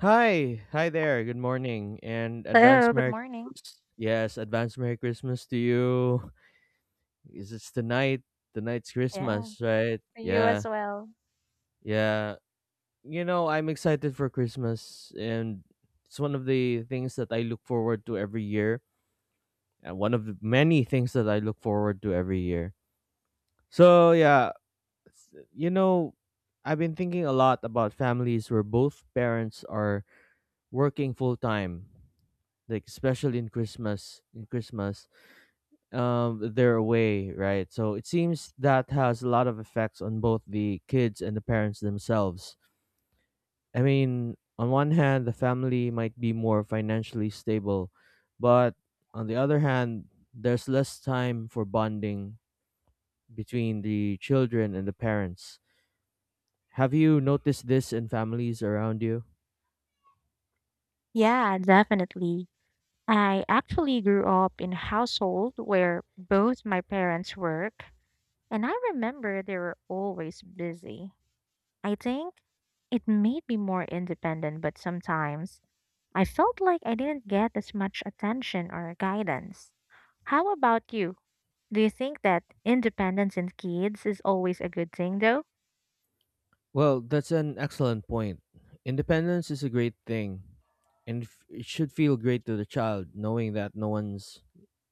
Hi, hi there. Good morning and advance Hello, good Merry morning. Christmas. Yes, advance Merry Christmas to you. Is it's tonight? Tonight's Yeah. Christmas, right? For you as Yeah, well. yeah. I'm excited for Christmas, and it's one of the things that I look forward to every year, and one of the many things that I look forward to every year. So yeah, s- you know, I've been thinking a lot about families where both parents are working full time, like especially In Christmas, they're away, right? So it seems that has a lot of effects on both the kids and the parents themselves. I mean, on one hand, the family might be more financially stable, but on the other hand, there's less time for bonding between the children and the parents. Have you noticed this in families around you? Yeah, definitely. I actually grew up in a household where both my parents work, and I remember they were always busy. I think it made me more independent, but sometimes I felt like I didn't get as much attention or guidance. How about you? Do you think that independence in kids is always a good thing, though? Well, that's an excellent point. Independence is a great thing, and it should feel great to the child knowing that no one's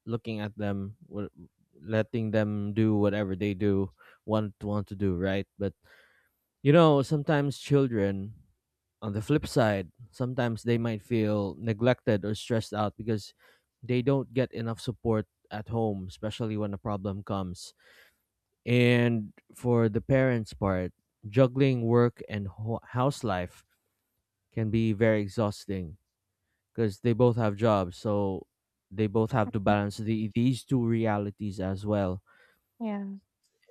looking at them, letting them do whatever they do want to do, right? But sometimes children, on the flip side, sometimes they might feel neglected or stressed out because they don't get enough support at home, especially when a problem comes. And for the parents' part, juggling work and house life can be very exhausting because they both have jobs, so they both have to balance these two realities as well. Yeah.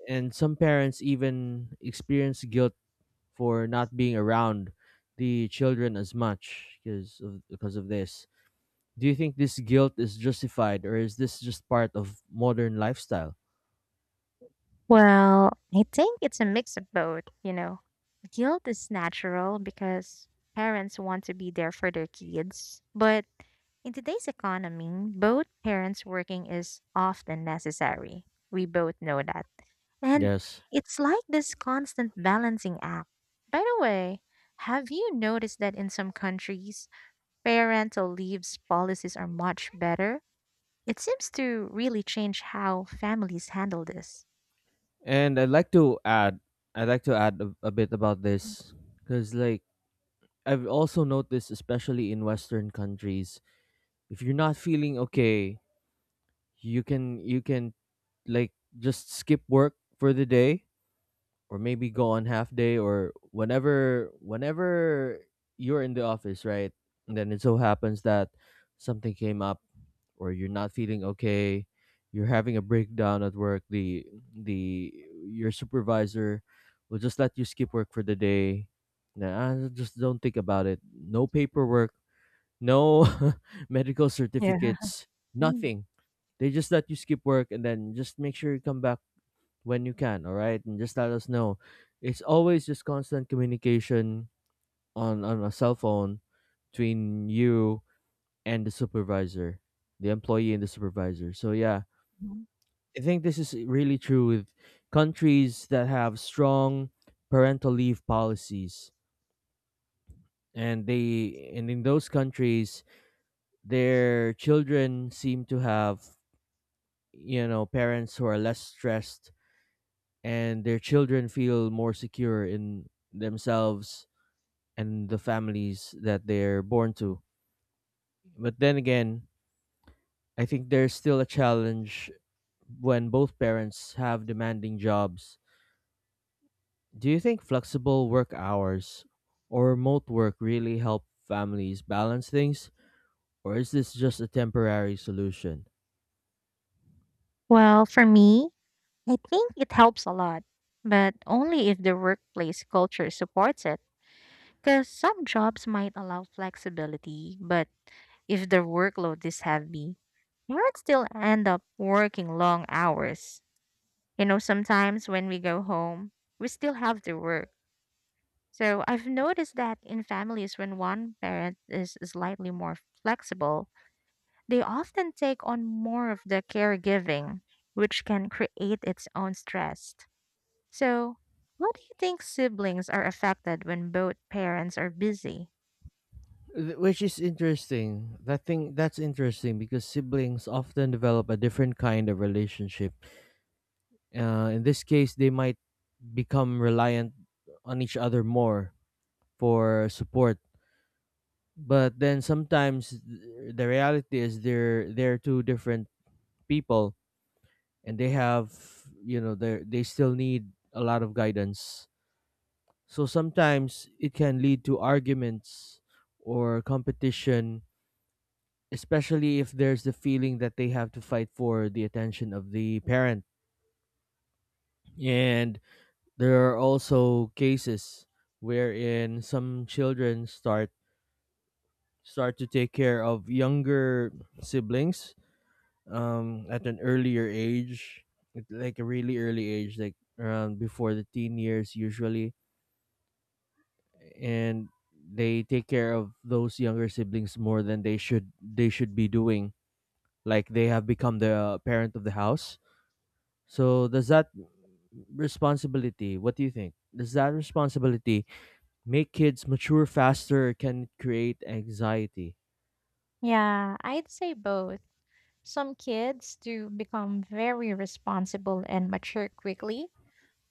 And some parents even experience guilt for not being around the children as much because of this. Do you think this guilt is justified, or is this just part of modern lifestyle? Well, I think it's a mix of both, Guilt is natural because parents want to be there for their kids. But in today's economy, both parents working is often necessary. We both know that. And Yes. it's like this constant balancing act. By the way, have you noticed that in some countries, parental leaves policies are much better? It seems to really change how families handle this. And I'd like to add a bit about this because, like, I've also noticed, especially in Western countries, if you're not feeling okay, you can like just skip work for the day, or maybe go on half day, or whenever you're in the office, right? And then it so happens that something came up, or you're not feeling okay, you're having a breakdown at work. The Your supervisor will just let you skip work for the day. Nah, I just don't think about it. No paperwork, no medical Yeah. certificates, nothing. They just let you skip work and then just make sure you come back when you can, all right? And just let us know. It's always just constant communication on a cell phone between you and the supervisor, the employee and the supervisor. So, yeah, Mhm. I think this is really true with countries that have strong parental leave policies. And they, and in those countries, their children seem to have, you know, parents who are less stressed, and their children feel more secure in themselves and the families that they're born to. But then again, I think there's still a challenge when both parents have demanding jobs. Do you think flexible work hours or remote work really help families balance things? Or is this just a temporary solution? Well, for me, I think it helps a lot, but only if the workplace culture supports it. Because some jobs might allow flexibility, but if the workload is heavy, you might still end up working long hours. You know, sometimes when we go home, we still have to work. So I've noticed that in families when one parent is slightly more flexible, they often take on more of the caregiving, which can create its own stress. So, what do you think siblings are affected when both parents are busy? Which is interesting. That's interesting because siblings often develop a different kind of relationship. In this case, they might become reliant on each other more for support, but then sometimes the reality is they're two different people, and they have, they still need a lot of guidance. So sometimes it can lead to arguments or competition, especially if there's the feeling that they have to fight for the attention of the parent. And there are also cases wherein some children start to take care of younger siblings at an earlier age, at, like, a really early age, like around before the teen years usually. And they take care of those younger siblings more than they should be doing. Like they have become the parent of the house. So does that responsibility, what do you think, does that responsibility make kids mature faster, or can it create anxiety? Yeah, I'd say both. Some kids do become very responsible and mature quickly,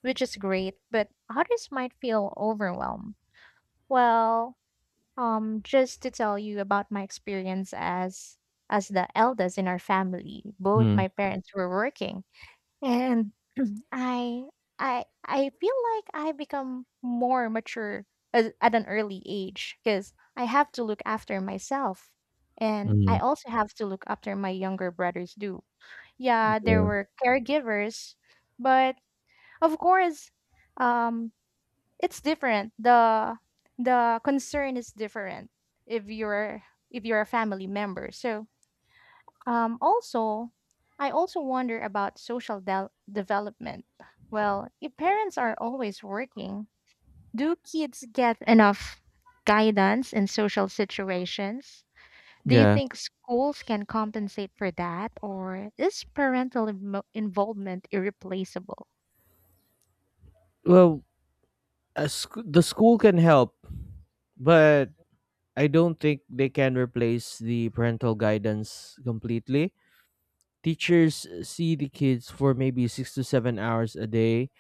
which is great, but others might feel overwhelmed. Well, just to tell you about my experience as the eldest in our family, both Hmm. my parents were working. And I I feel like I become more mature as, at an early age because I have to look after myself and Hmm. I also have to look after my younger brothers do. Yeah, there Yeah. were caregivers, but of course, um it's different. The concern is different if you're if you're a family member. So also, I also wonder about social del development. Well, if parents are always working, do kids get enough guidance in social situations? Do you Yeah. think schools can compensate for that, or is parental involvement irreplaceable? Well, the school can help, but I don't think they can replace the parental guidance completely. Teachers see the kids for maybe 6 to 7 hours a day,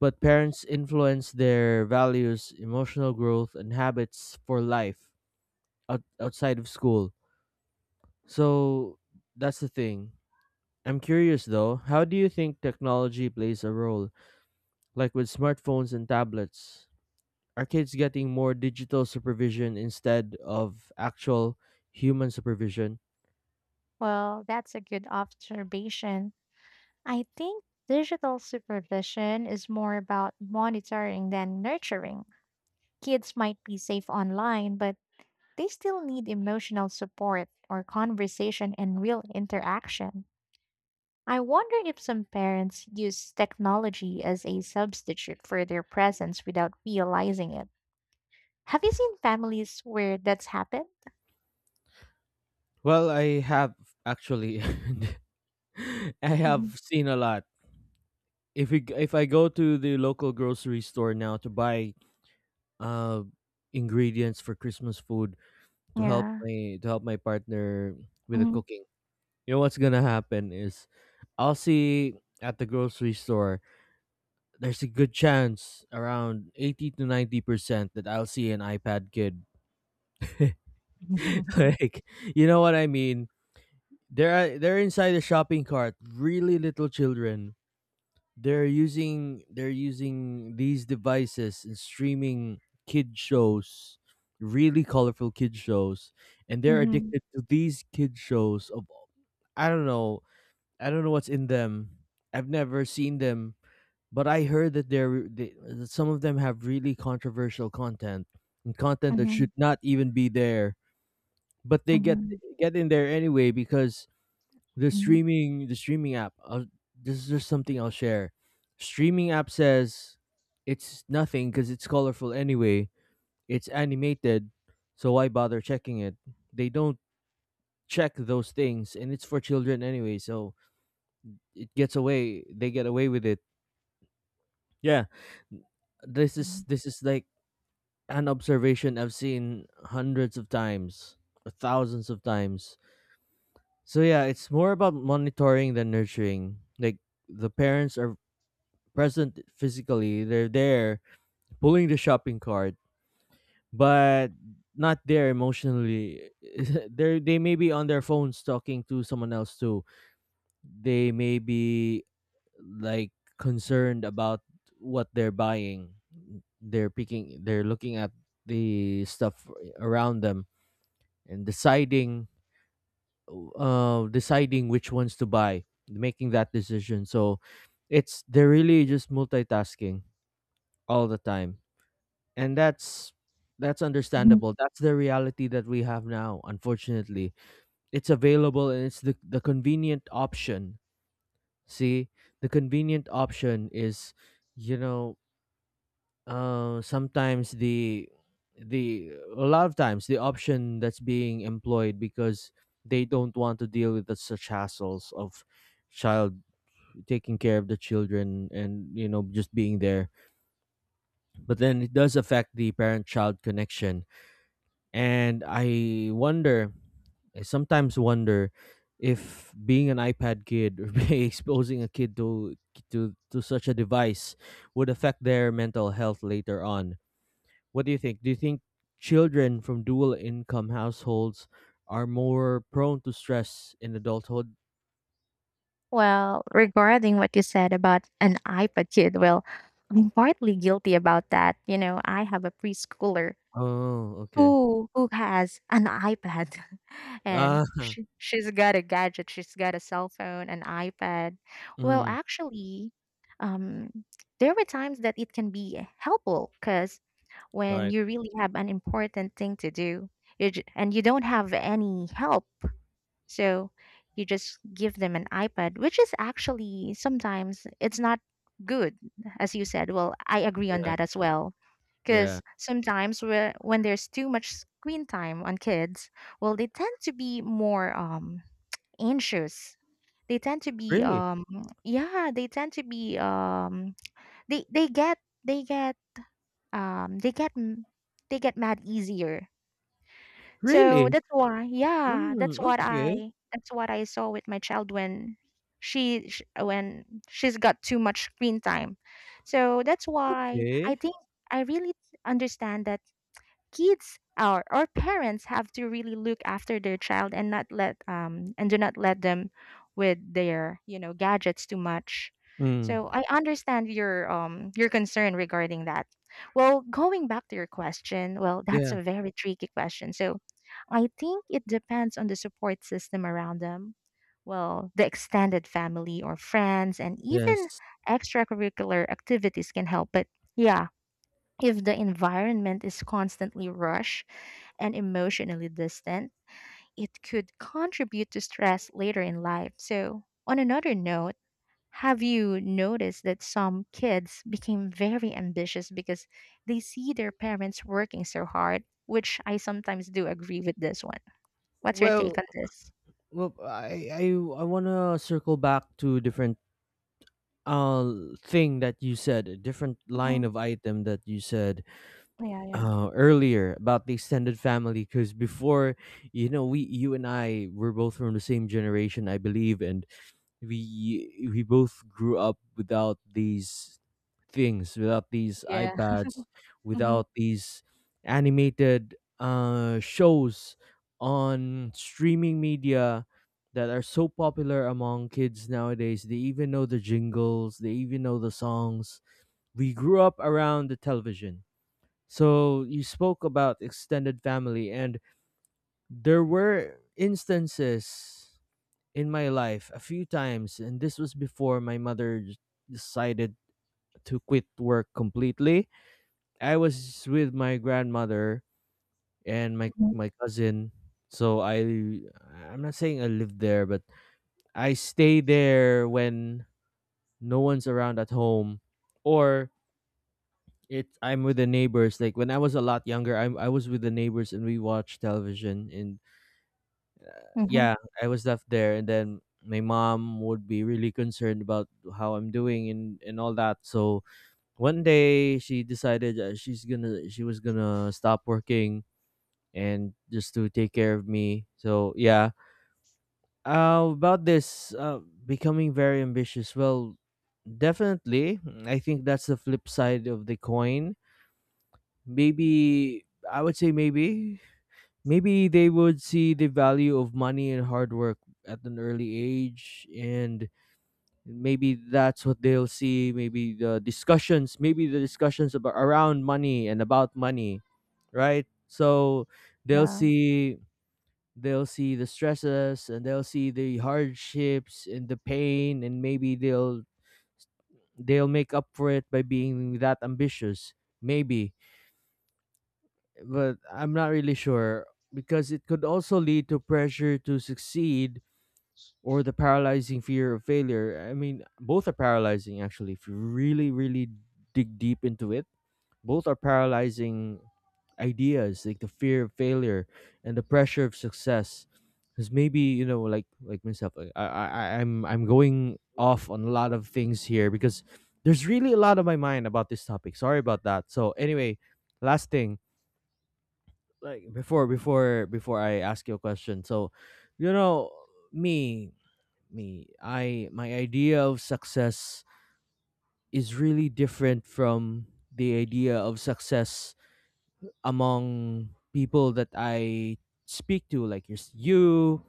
but parents influence their values, emotional growth, and habits for life outside of school. So that's the thing. I'm curious though, how do you think technology plays a role, like with smartphones and tablets? Are kids getting more digital supervision instead of actual human supervision? Well, that's a good observation. I think digital supervision is more about monitoring than nurturing. Kids might be safe online, but they still need emotional support or conversation and real interaction. I wonder if some parents use technology as a substitute for their presence without realizing it. Have you seen families where that's happened? Well, I have, actually, I Mhm. have seen a lot. If we, g- if I go to the local grocery store now to buy uh ingredients for Christmas food to help Yeah. my to help my partner with the Mhm. cooking, you know what's gonna happen is I'll see, at the grocery store, there's a good chance, around 80 to 90%, that I'll see an iPad kid. Like, you know what I mean? They're inside the shopping cart, really little children, they're using these devices and streaming kid shows, really colorful kid shows, and they're Mhm. addicted to these kid shows. Of i don't know i don't know what's in them. I've never seen them, but I heard that some of them have really controversial content, and content that should Mhm. not even be there, but they get Mhm. get in there anyway, because the Mhm. streaming the streaming app, I'll, this is just something I'll share, streaming app says it's nothing because it's colorful anyway, it's animated, so why bother checking it? They don't check those things, and it's for children anyway, so it gets away, they get away with it. Yeah, this Mhm. is, Mhm. this is like an observation I've seen hundreds of times or thousands of times. So yeah, it's more about monitoring than nurturing. Like, the parents are present physically. They're there pulling the shopping cart, but not there emotionally. They may be on their phones talking to someone else too. They may be, like, concerned about what they're buying. They're picking. They're looking at the stuff around them and deciding, deciding which ones to buy, making that decision. So it's, they're really just multitasking all the time, and that's understandable. That's the reality that we have now, unfortunately. It's available, and it's the convenient option. See, the convenient option is, you know sometimes the, a lot of times, the option that's being employed, because they don't want to deal with the such hassles of child taking care of the children and, you know, just being there. But then it does affect the parent child connection. And I sometimes wonder if being an iPad kid, or being exposing a kid to such a device would affect their mental health later on. What do you think? Do you think children from dual income households are more prone to stress in adulthood? Well, regarding what you said about an iPad kid, well, I'm partly guilty about that. You know, I have a preschooler Oh, okay. who has an iPad and Ah, she's got a gadget, she's got a cell phone, an iPad. Well, mm, actually, um, there were times that it can be helpful because when right. you really have an important thing to do, you j and you don't have any help. So you just give them an iPad, which is actually sometimes it's not good, as you said. Well, I agree on Yeah, that as well. yeah. Because sometimes when there's too much screen time on kids, well, they tend to be more anxious. They tend to be Really, yeah, they tend to be they get they get they get m- they get mad easier. So really. that's why yeah, Mm, okay, that's what I saw with my child when when she's got too much screen time. So that's why I okay. think I really understand that kids or parents have to really look after their child and not let and do not let them with their, you know, gadgets too much. Mm, So I understand your concern regarding that. Well, going back to your question, well, that's yeah. a very tricky question. So I think it depends on the support system around them. Well, the extended family or friends and even Yes. extracurricular activities can help, but yeah, if the environment is constantly rushed and emotionally distant, it could contribute to stress later in life. So, on another note, have you noticed that some kids became very ambitious because they see their parents working so hard? Which I sometimes do agree with this one. What's your Well, take on this? Well, I I I want to circle back to a different uh thing that you said, a different line Mhm. of item that you said Yeah, yeah. Earlier about the extended family, because before, you know, we you and I were both from the same generation, I believe, and we both grew up without these things, without these Yeah. ipads, Hmm. without these animated shows on streaming media that are so popular among kids nowadays. They even know the jingles, they even know the songs. We grew up around the television. So you spoke about extended family, and there were instances in my life a few times, and this was before my mother decided to quit work completely. I was with my grandmother and my cousin, so I, I'm not saying I lived there, but I stay there when no one's around at home, or it, I'm with the neighbors. Like when I was a lot younger, I was with the neighbors, and we watched television, and Hmm. yeah, I was left there, and then my mom would be really concerned about how I'm doing, and all that. So one day she decided that she was gonna stop working, and just to take care of me. So yeah, about this becoming very ambitious. Well, definitely, I think that's the flip side of the coin. Maybe I would say, maybe they would see the value of money and hard work at an early age, and maybe that's what they'll see. Maybe the discussions about around money and about money, right? So they'll Yeah. see they'll see the stresses, and they'll see the hardships and the pain, and maybe they'll make up for it by being that ambitious. Maybe, but I'm not really sure, because it could also lead to pressure to succeed, or the paralyzing fear of failure. I mean, both are paralyzing actually. If you really, really dig deep into it, both are paralyzing ideas, like the fear of failure and the pressure of success. Because maybe like myself, like, I'm going off on a lot of things here because there's really a lot on my mind about this topic. Sorry about that. So anyway, last thing, like before I ask you a question. So, you know, me me I my idea of success is really different from the idea of success among people that I speak to, like you,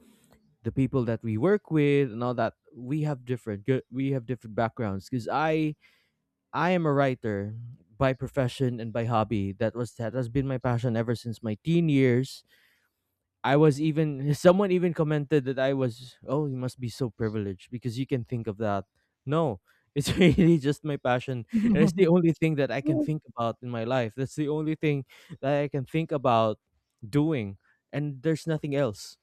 the people that we work with and all that. We have different backgrounds because I am a writer by profession and by hobby. That has been my passion ever since my teen years. I was even Someone even commented that I was, "Oh, you must be so privileged because you can think of that." No, it's really just my passion, and it's the only thing that I can think about in my life. That's the only thing that I can think about doing, and there's nothing else.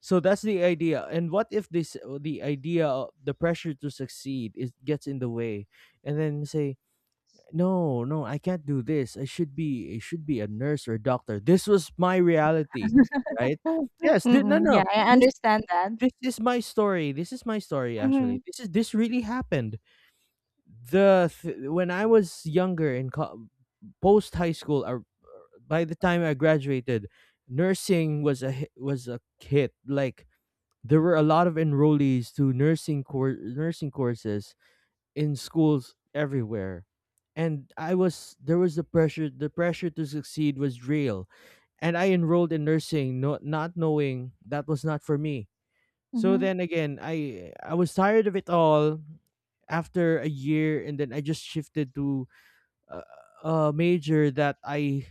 So that's the idea. And what if this the idea of the pressure to succeed is gets in the way and then say, "No, no, I can't do this. I should be, I should be a nurse or a doctor"? This was my reality, right? Yes, no, Mm-mm. no, Yeah, I this understand that. this is my story. Actually, Mm-hmm. this is this really happened. When I was younger, in post high school, by the time I graduated, nursing was a hit. Like, there were a lot of enrollees to nursing courses in schools everywhere. And I was There was the pressure to succeed was real. And I enrolled in nursing, no, not knowing that was not for me. So Mm-hmm. then again, I was tired of it all after a year, and then I just shifted to a, a major that I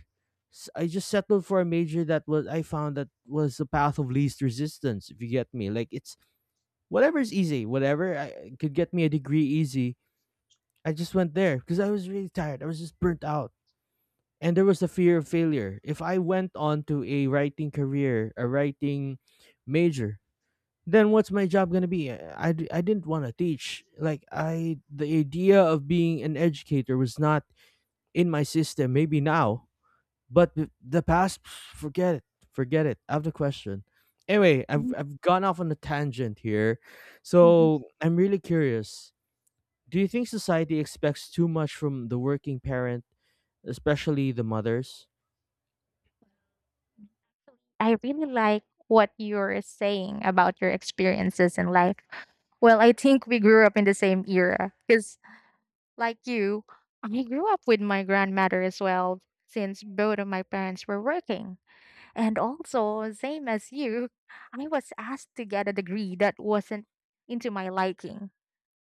s- I just settled for. A major that was I found that was the path of least resistance, if you get me. Like, it's whatever is easy, whatever I could get me a degree easy, I just went there because I was really tired. I was just burnt out. And there was a fear of failure. If I went on to a writing career, a writing major, then what's my job going to be? I didn't want to teach. Like I the idea of being an educator was not in my system. Maybe now, but the past, forget it. Forget it. Out of the question. Anyway, I've gone off on a tangent here. So, I'm really curious, do you think society expects too much from the working parent, especially the mothers? I really like what you're saying about your experiences in life. Well, I think we grew up in the same era because, like you, I grew up with my grandmother as well, since both of my parents were working. And also, same as you, I was asked to get a degree that wasn't into my liking.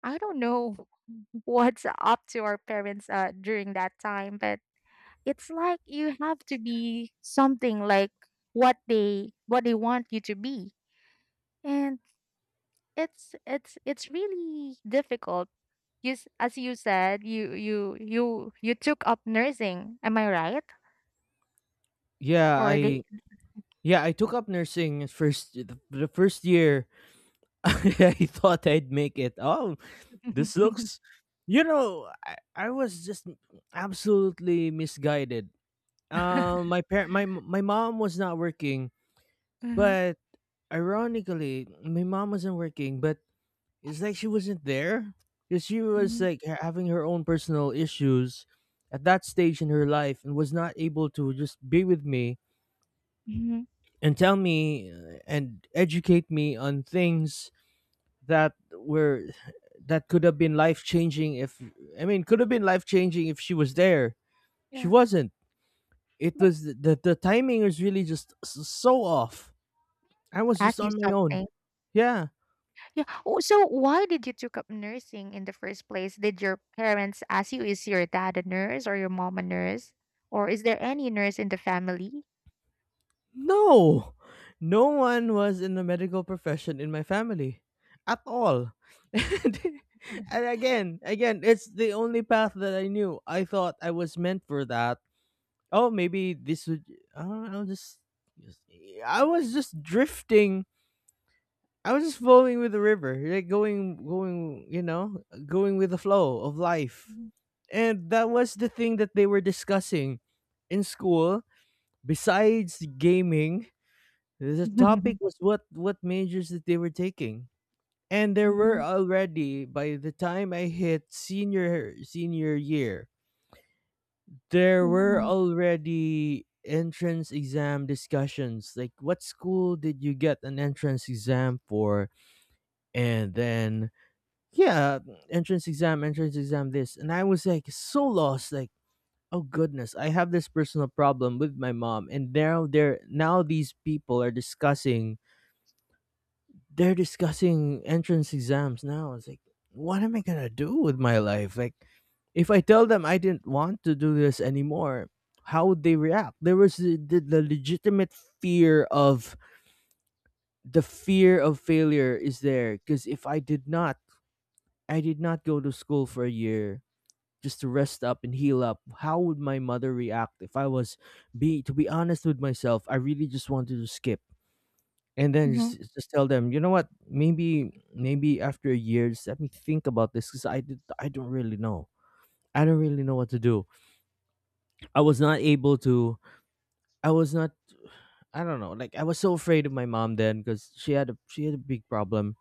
I don't know what's up to our parents during that time, but it's like you have to be something like what they want you to be. And it's it's really difficult. As you said, you took up nursing, am I right? Yeah, Or they I yeah, I took up nursing at first, the first year. I thought I'd make it. Oh, this looks I was just absolutely misguided. My parent my my mom was not working, Mhm. but, ironically, my mom wasn't working, but it's like she wasn't there because she was mhm, like having her own personal issues at that stage in her life, and was not able to just be with me mhm. and tell me, and educate me on things that were, that could have been life changing if I mean could have been life changing if she was there. She Yeah, wasn't. It but was the timing was really just so off. I was just ask you on my own. something. Yeah. Yeah. Oh, so why did you took up nursing in the first place? Did your parents ask you? Is your dad a nurse or your mom a nurse or is there any nurse in the family? No, no one was in the medical profession in my family at all. And again, it's the only path that I knew. I thought I was meant for that. Oh, maybe this would. I don't know. Just, I was just drifting. I was just flowing with the river, like going, going, going with the flow of life. And that was the thing that they were discussing in school. Besides gaming, the Mhm. topic was what majors that they were taking. And there were already By the time I hit senior year, there were Ja. already entrance exam discussions. Like, what school did you get an entrance exam for? And then, yeah, entrance exam this. And I was like so lost, like, oh goodness, I have this personal problem with my mom, and now they're now these people are discussing entrance exams now. It's like, what am I gonna do with my life? Like, if I tell them I didn't want to do this anymore, how would they react? There was the legitimate fear of the fear of failure is there, because if I did not, I did not go to school for a year just to rest up and heal up. How would my mother react if I was, be to be honest with myself? I really just wanted to skip and then just Mhm. just tell them, you know what, maybe after a year, just let me think about this, because I don't really know. I don't really know what to do. I was not able to I was not I don't know, like, I was so afraid of my mom then because she had a big problem.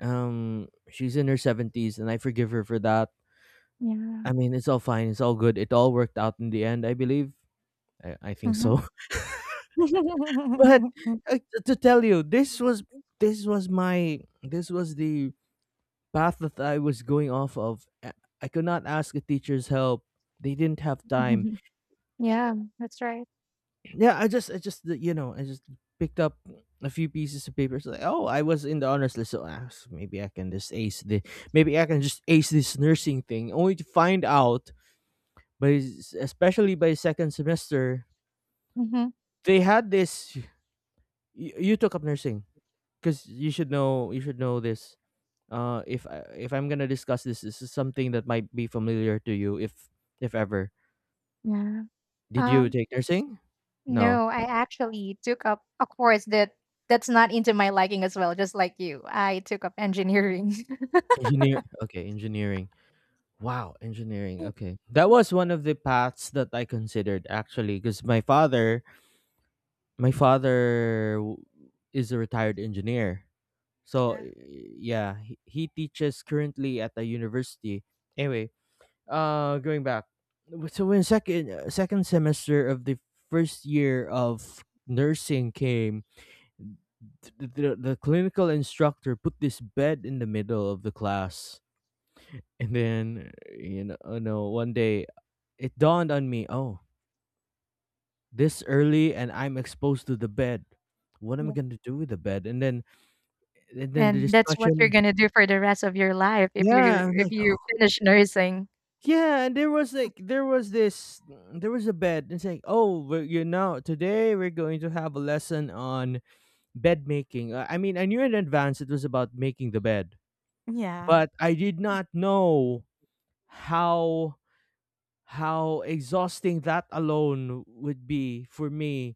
She's in her 70s, and I forgive her for that. Yeah. I mean, it's all fine, it's all good, it all worked out in the end, I believe. I think Mhm. so. But to tell you, this was the path that I was going off of. I could not ask a teacher's help. They didn't have time. Mhm. Yeah, that's right. Yeah, I just picked up a few pieces of paper. It's like, oh, I was in the honors list, so maybe I can just ace this nursing thing. Only to find out, but, especially by second semester, Mhm. they had this. You took up nursing because you should know. You should know this. If I, if I'm gonna discuss this, this is something that might be familiar to you, if ever. Yeah. Did you Um, take nursing? No. no, I actually took up a course that that's not into my liking as well, just like you. I took up engineering. Engineer. Okay, engineering. Wow, engineering. Okay. That was one of the paths that I considered actually, because my father, my father w- is a retired engineer. So, Yeah. Yeah, he teaches currently at a university. Anyway, going back. So when second semester of the first year of nursing came, the clinical instructor put this bed in the middle of the class, and then, one day it dawned on me, oh, this early and I'm exposed to the bed, what am I Yeah. going to do with the bed? And then, the And that's what you're discussion, gonna do for the rest of your life yeah. I'm if like you finish nursing. yeah, and there was a bed, and it's like, oh, we're, you know today we're going to have a lesson on bed making. I mean, I knew in advance it was about making the bed, Yeah. but I did not know how exhausting that alone would be for me,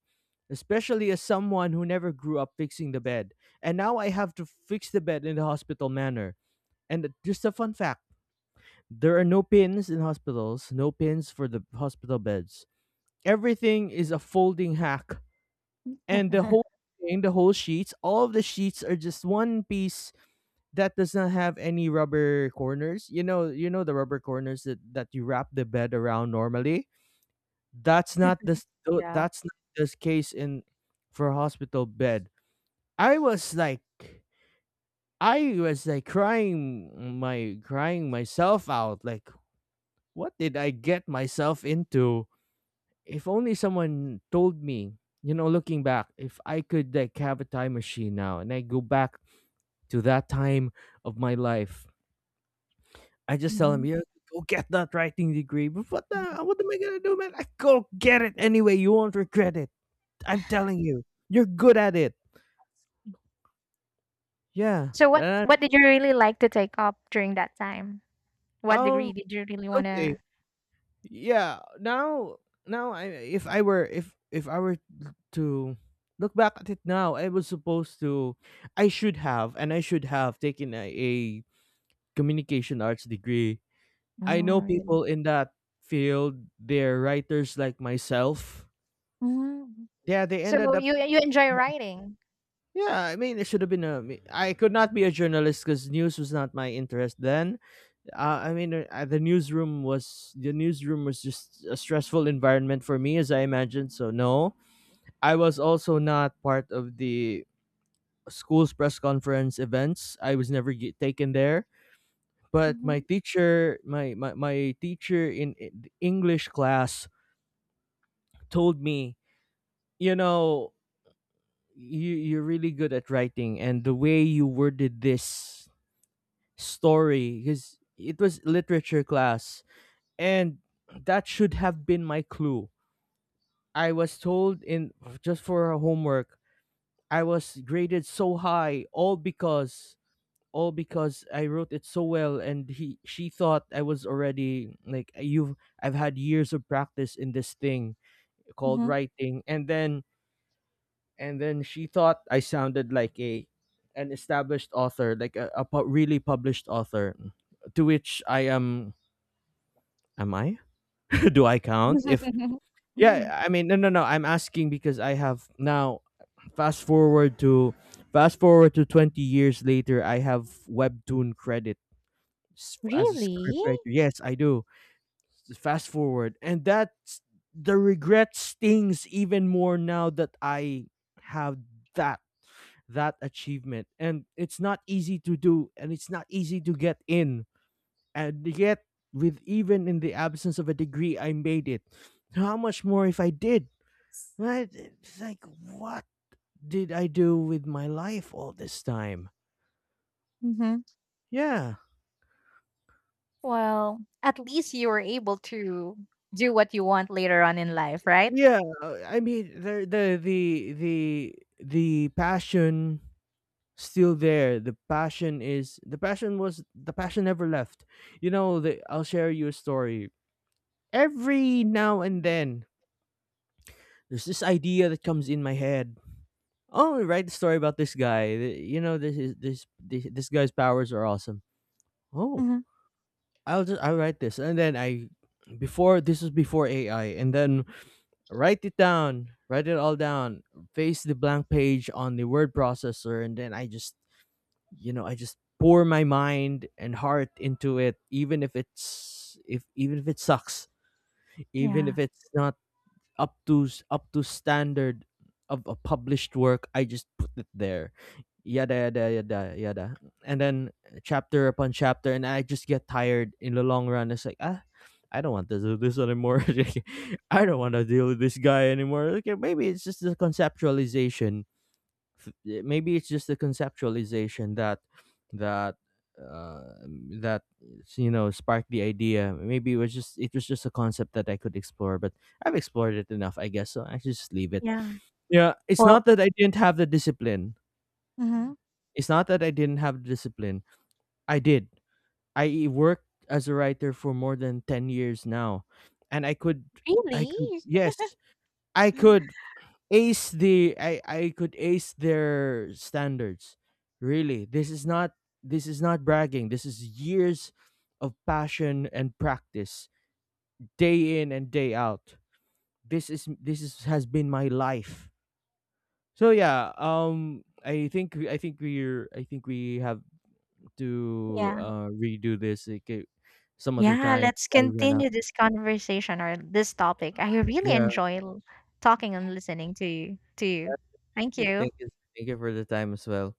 especially as someone who never grew up fixing the bed. And now I have to fix the bed in the hospital manner. And just a fun fact, there are no pins in hospitals, no pins for the hospital beds. Everything is a folding hack. And the whole sheets, all of the sheets, are just one piece that does not have any rubber corners. You know the rubber corners that you wrap the bed around normally. That's not this. Yeah. That's not this case in for hospital bed. I was like, crying myself out. Like, what did I get myself into? If only someone told me. You know, looking back, if I could like have a time machine now and I go back to that time of my life, I just tell him, Mhm. yeah, go get that writing degree. But Mhm. What am I gonna do, man? I go get it anyway. You won't regret it. I'm telling you. You're good at it. Yeah. So what That, what did you really like to take up during that time? What um degree did you really okay. wanna— Yeah. Now, I if I were to look back at it now, I was supposed to I should have taken a communication arts degree. I know Oh, really? people in that field, they're writers like myself. Mhm. Yeah, they So ended up you enjoy writing? yeah, I mean, it should have been a. I could not be a journalist because news was not my interest then. I mean, the newsroom was just a stressful environment for me, as I imagine. So no, I was also not part of the school's press conference events. I was never taken there. But Mhm, my teacher in English class told me, you know, you're really good at writing, and the way you worded this story, because it was literature class, and that should have been my clue. I was told in just for our homework, I was graded so high, all because I wrote it so well, and he she thought I was already like, you've I've had years of practice in this thing called mhm. writing, and then she thought I sounded like a an established author, like a really published author. To which I am I? Do I count? If Mm. Yeah, I mean, no, no, no, I'm asking because I have now fast forward to fast forward to 20 years later, I have webtoon credit as a Really? scriptwriter. Yes, I do. Fast forward, and that's the regret stings even more now that I have that that achievement, and it's not easy to do, and it's not easy to get in. And yet, with even in the absence of a degree, I made it. How much more if I did? Right? It's like, what did I do with my life all this time? Mhm. Yeah. Well, at least you were able to do what you want later on in life, right? Yeah. I mean, the passion still there. The passion never left. I'll share you a story. Every now and then there's this idea that comes in my head. Oh, write the story about this guy. Th- You know, this is this this, this guy's powers are awesome. Oh, Mhm, I'll write this, and then, I before this was before AI, and then write it down, write it all down, face the blank page on the word processor, and then I just pour my mind and heart into it, even if it's if even if it sucks, even yeah. if it's not up to standard of a published work. I just put it there. Yada yada yada yada. And then chapter upon chapter, and I just get tired in the long run. It's like, ah, I don't want to do this anymore. I don't want to deal with this guy anymore. Okay, maybe it's just the conceptualization. Yeah, maybe it's just the conceptualization that that uh that sparked the idea. Maybe it was just a concept that I could explore, but I've explored it enough, I guess, so I should just leave it. Yeah. Yeah, it's Well. not that I didn't have the discipline. Mhm. It's not that I didn't have the discipline. I did. I worked as a writer for more than 10 years now, and i could i Really? could yes, i could I could ace their standards. Really, this is not bragging. This is years of passion and practice, day in and day out. This is has been my life. So yeah, I think we have to Yeah. Redo this, like, some other Yeah, time. let's I ran out. continue this conversation or this topic. I really Yeah. enjoy l talking and listening to you to you. Thank you. Thank you. Thank you for the time as well.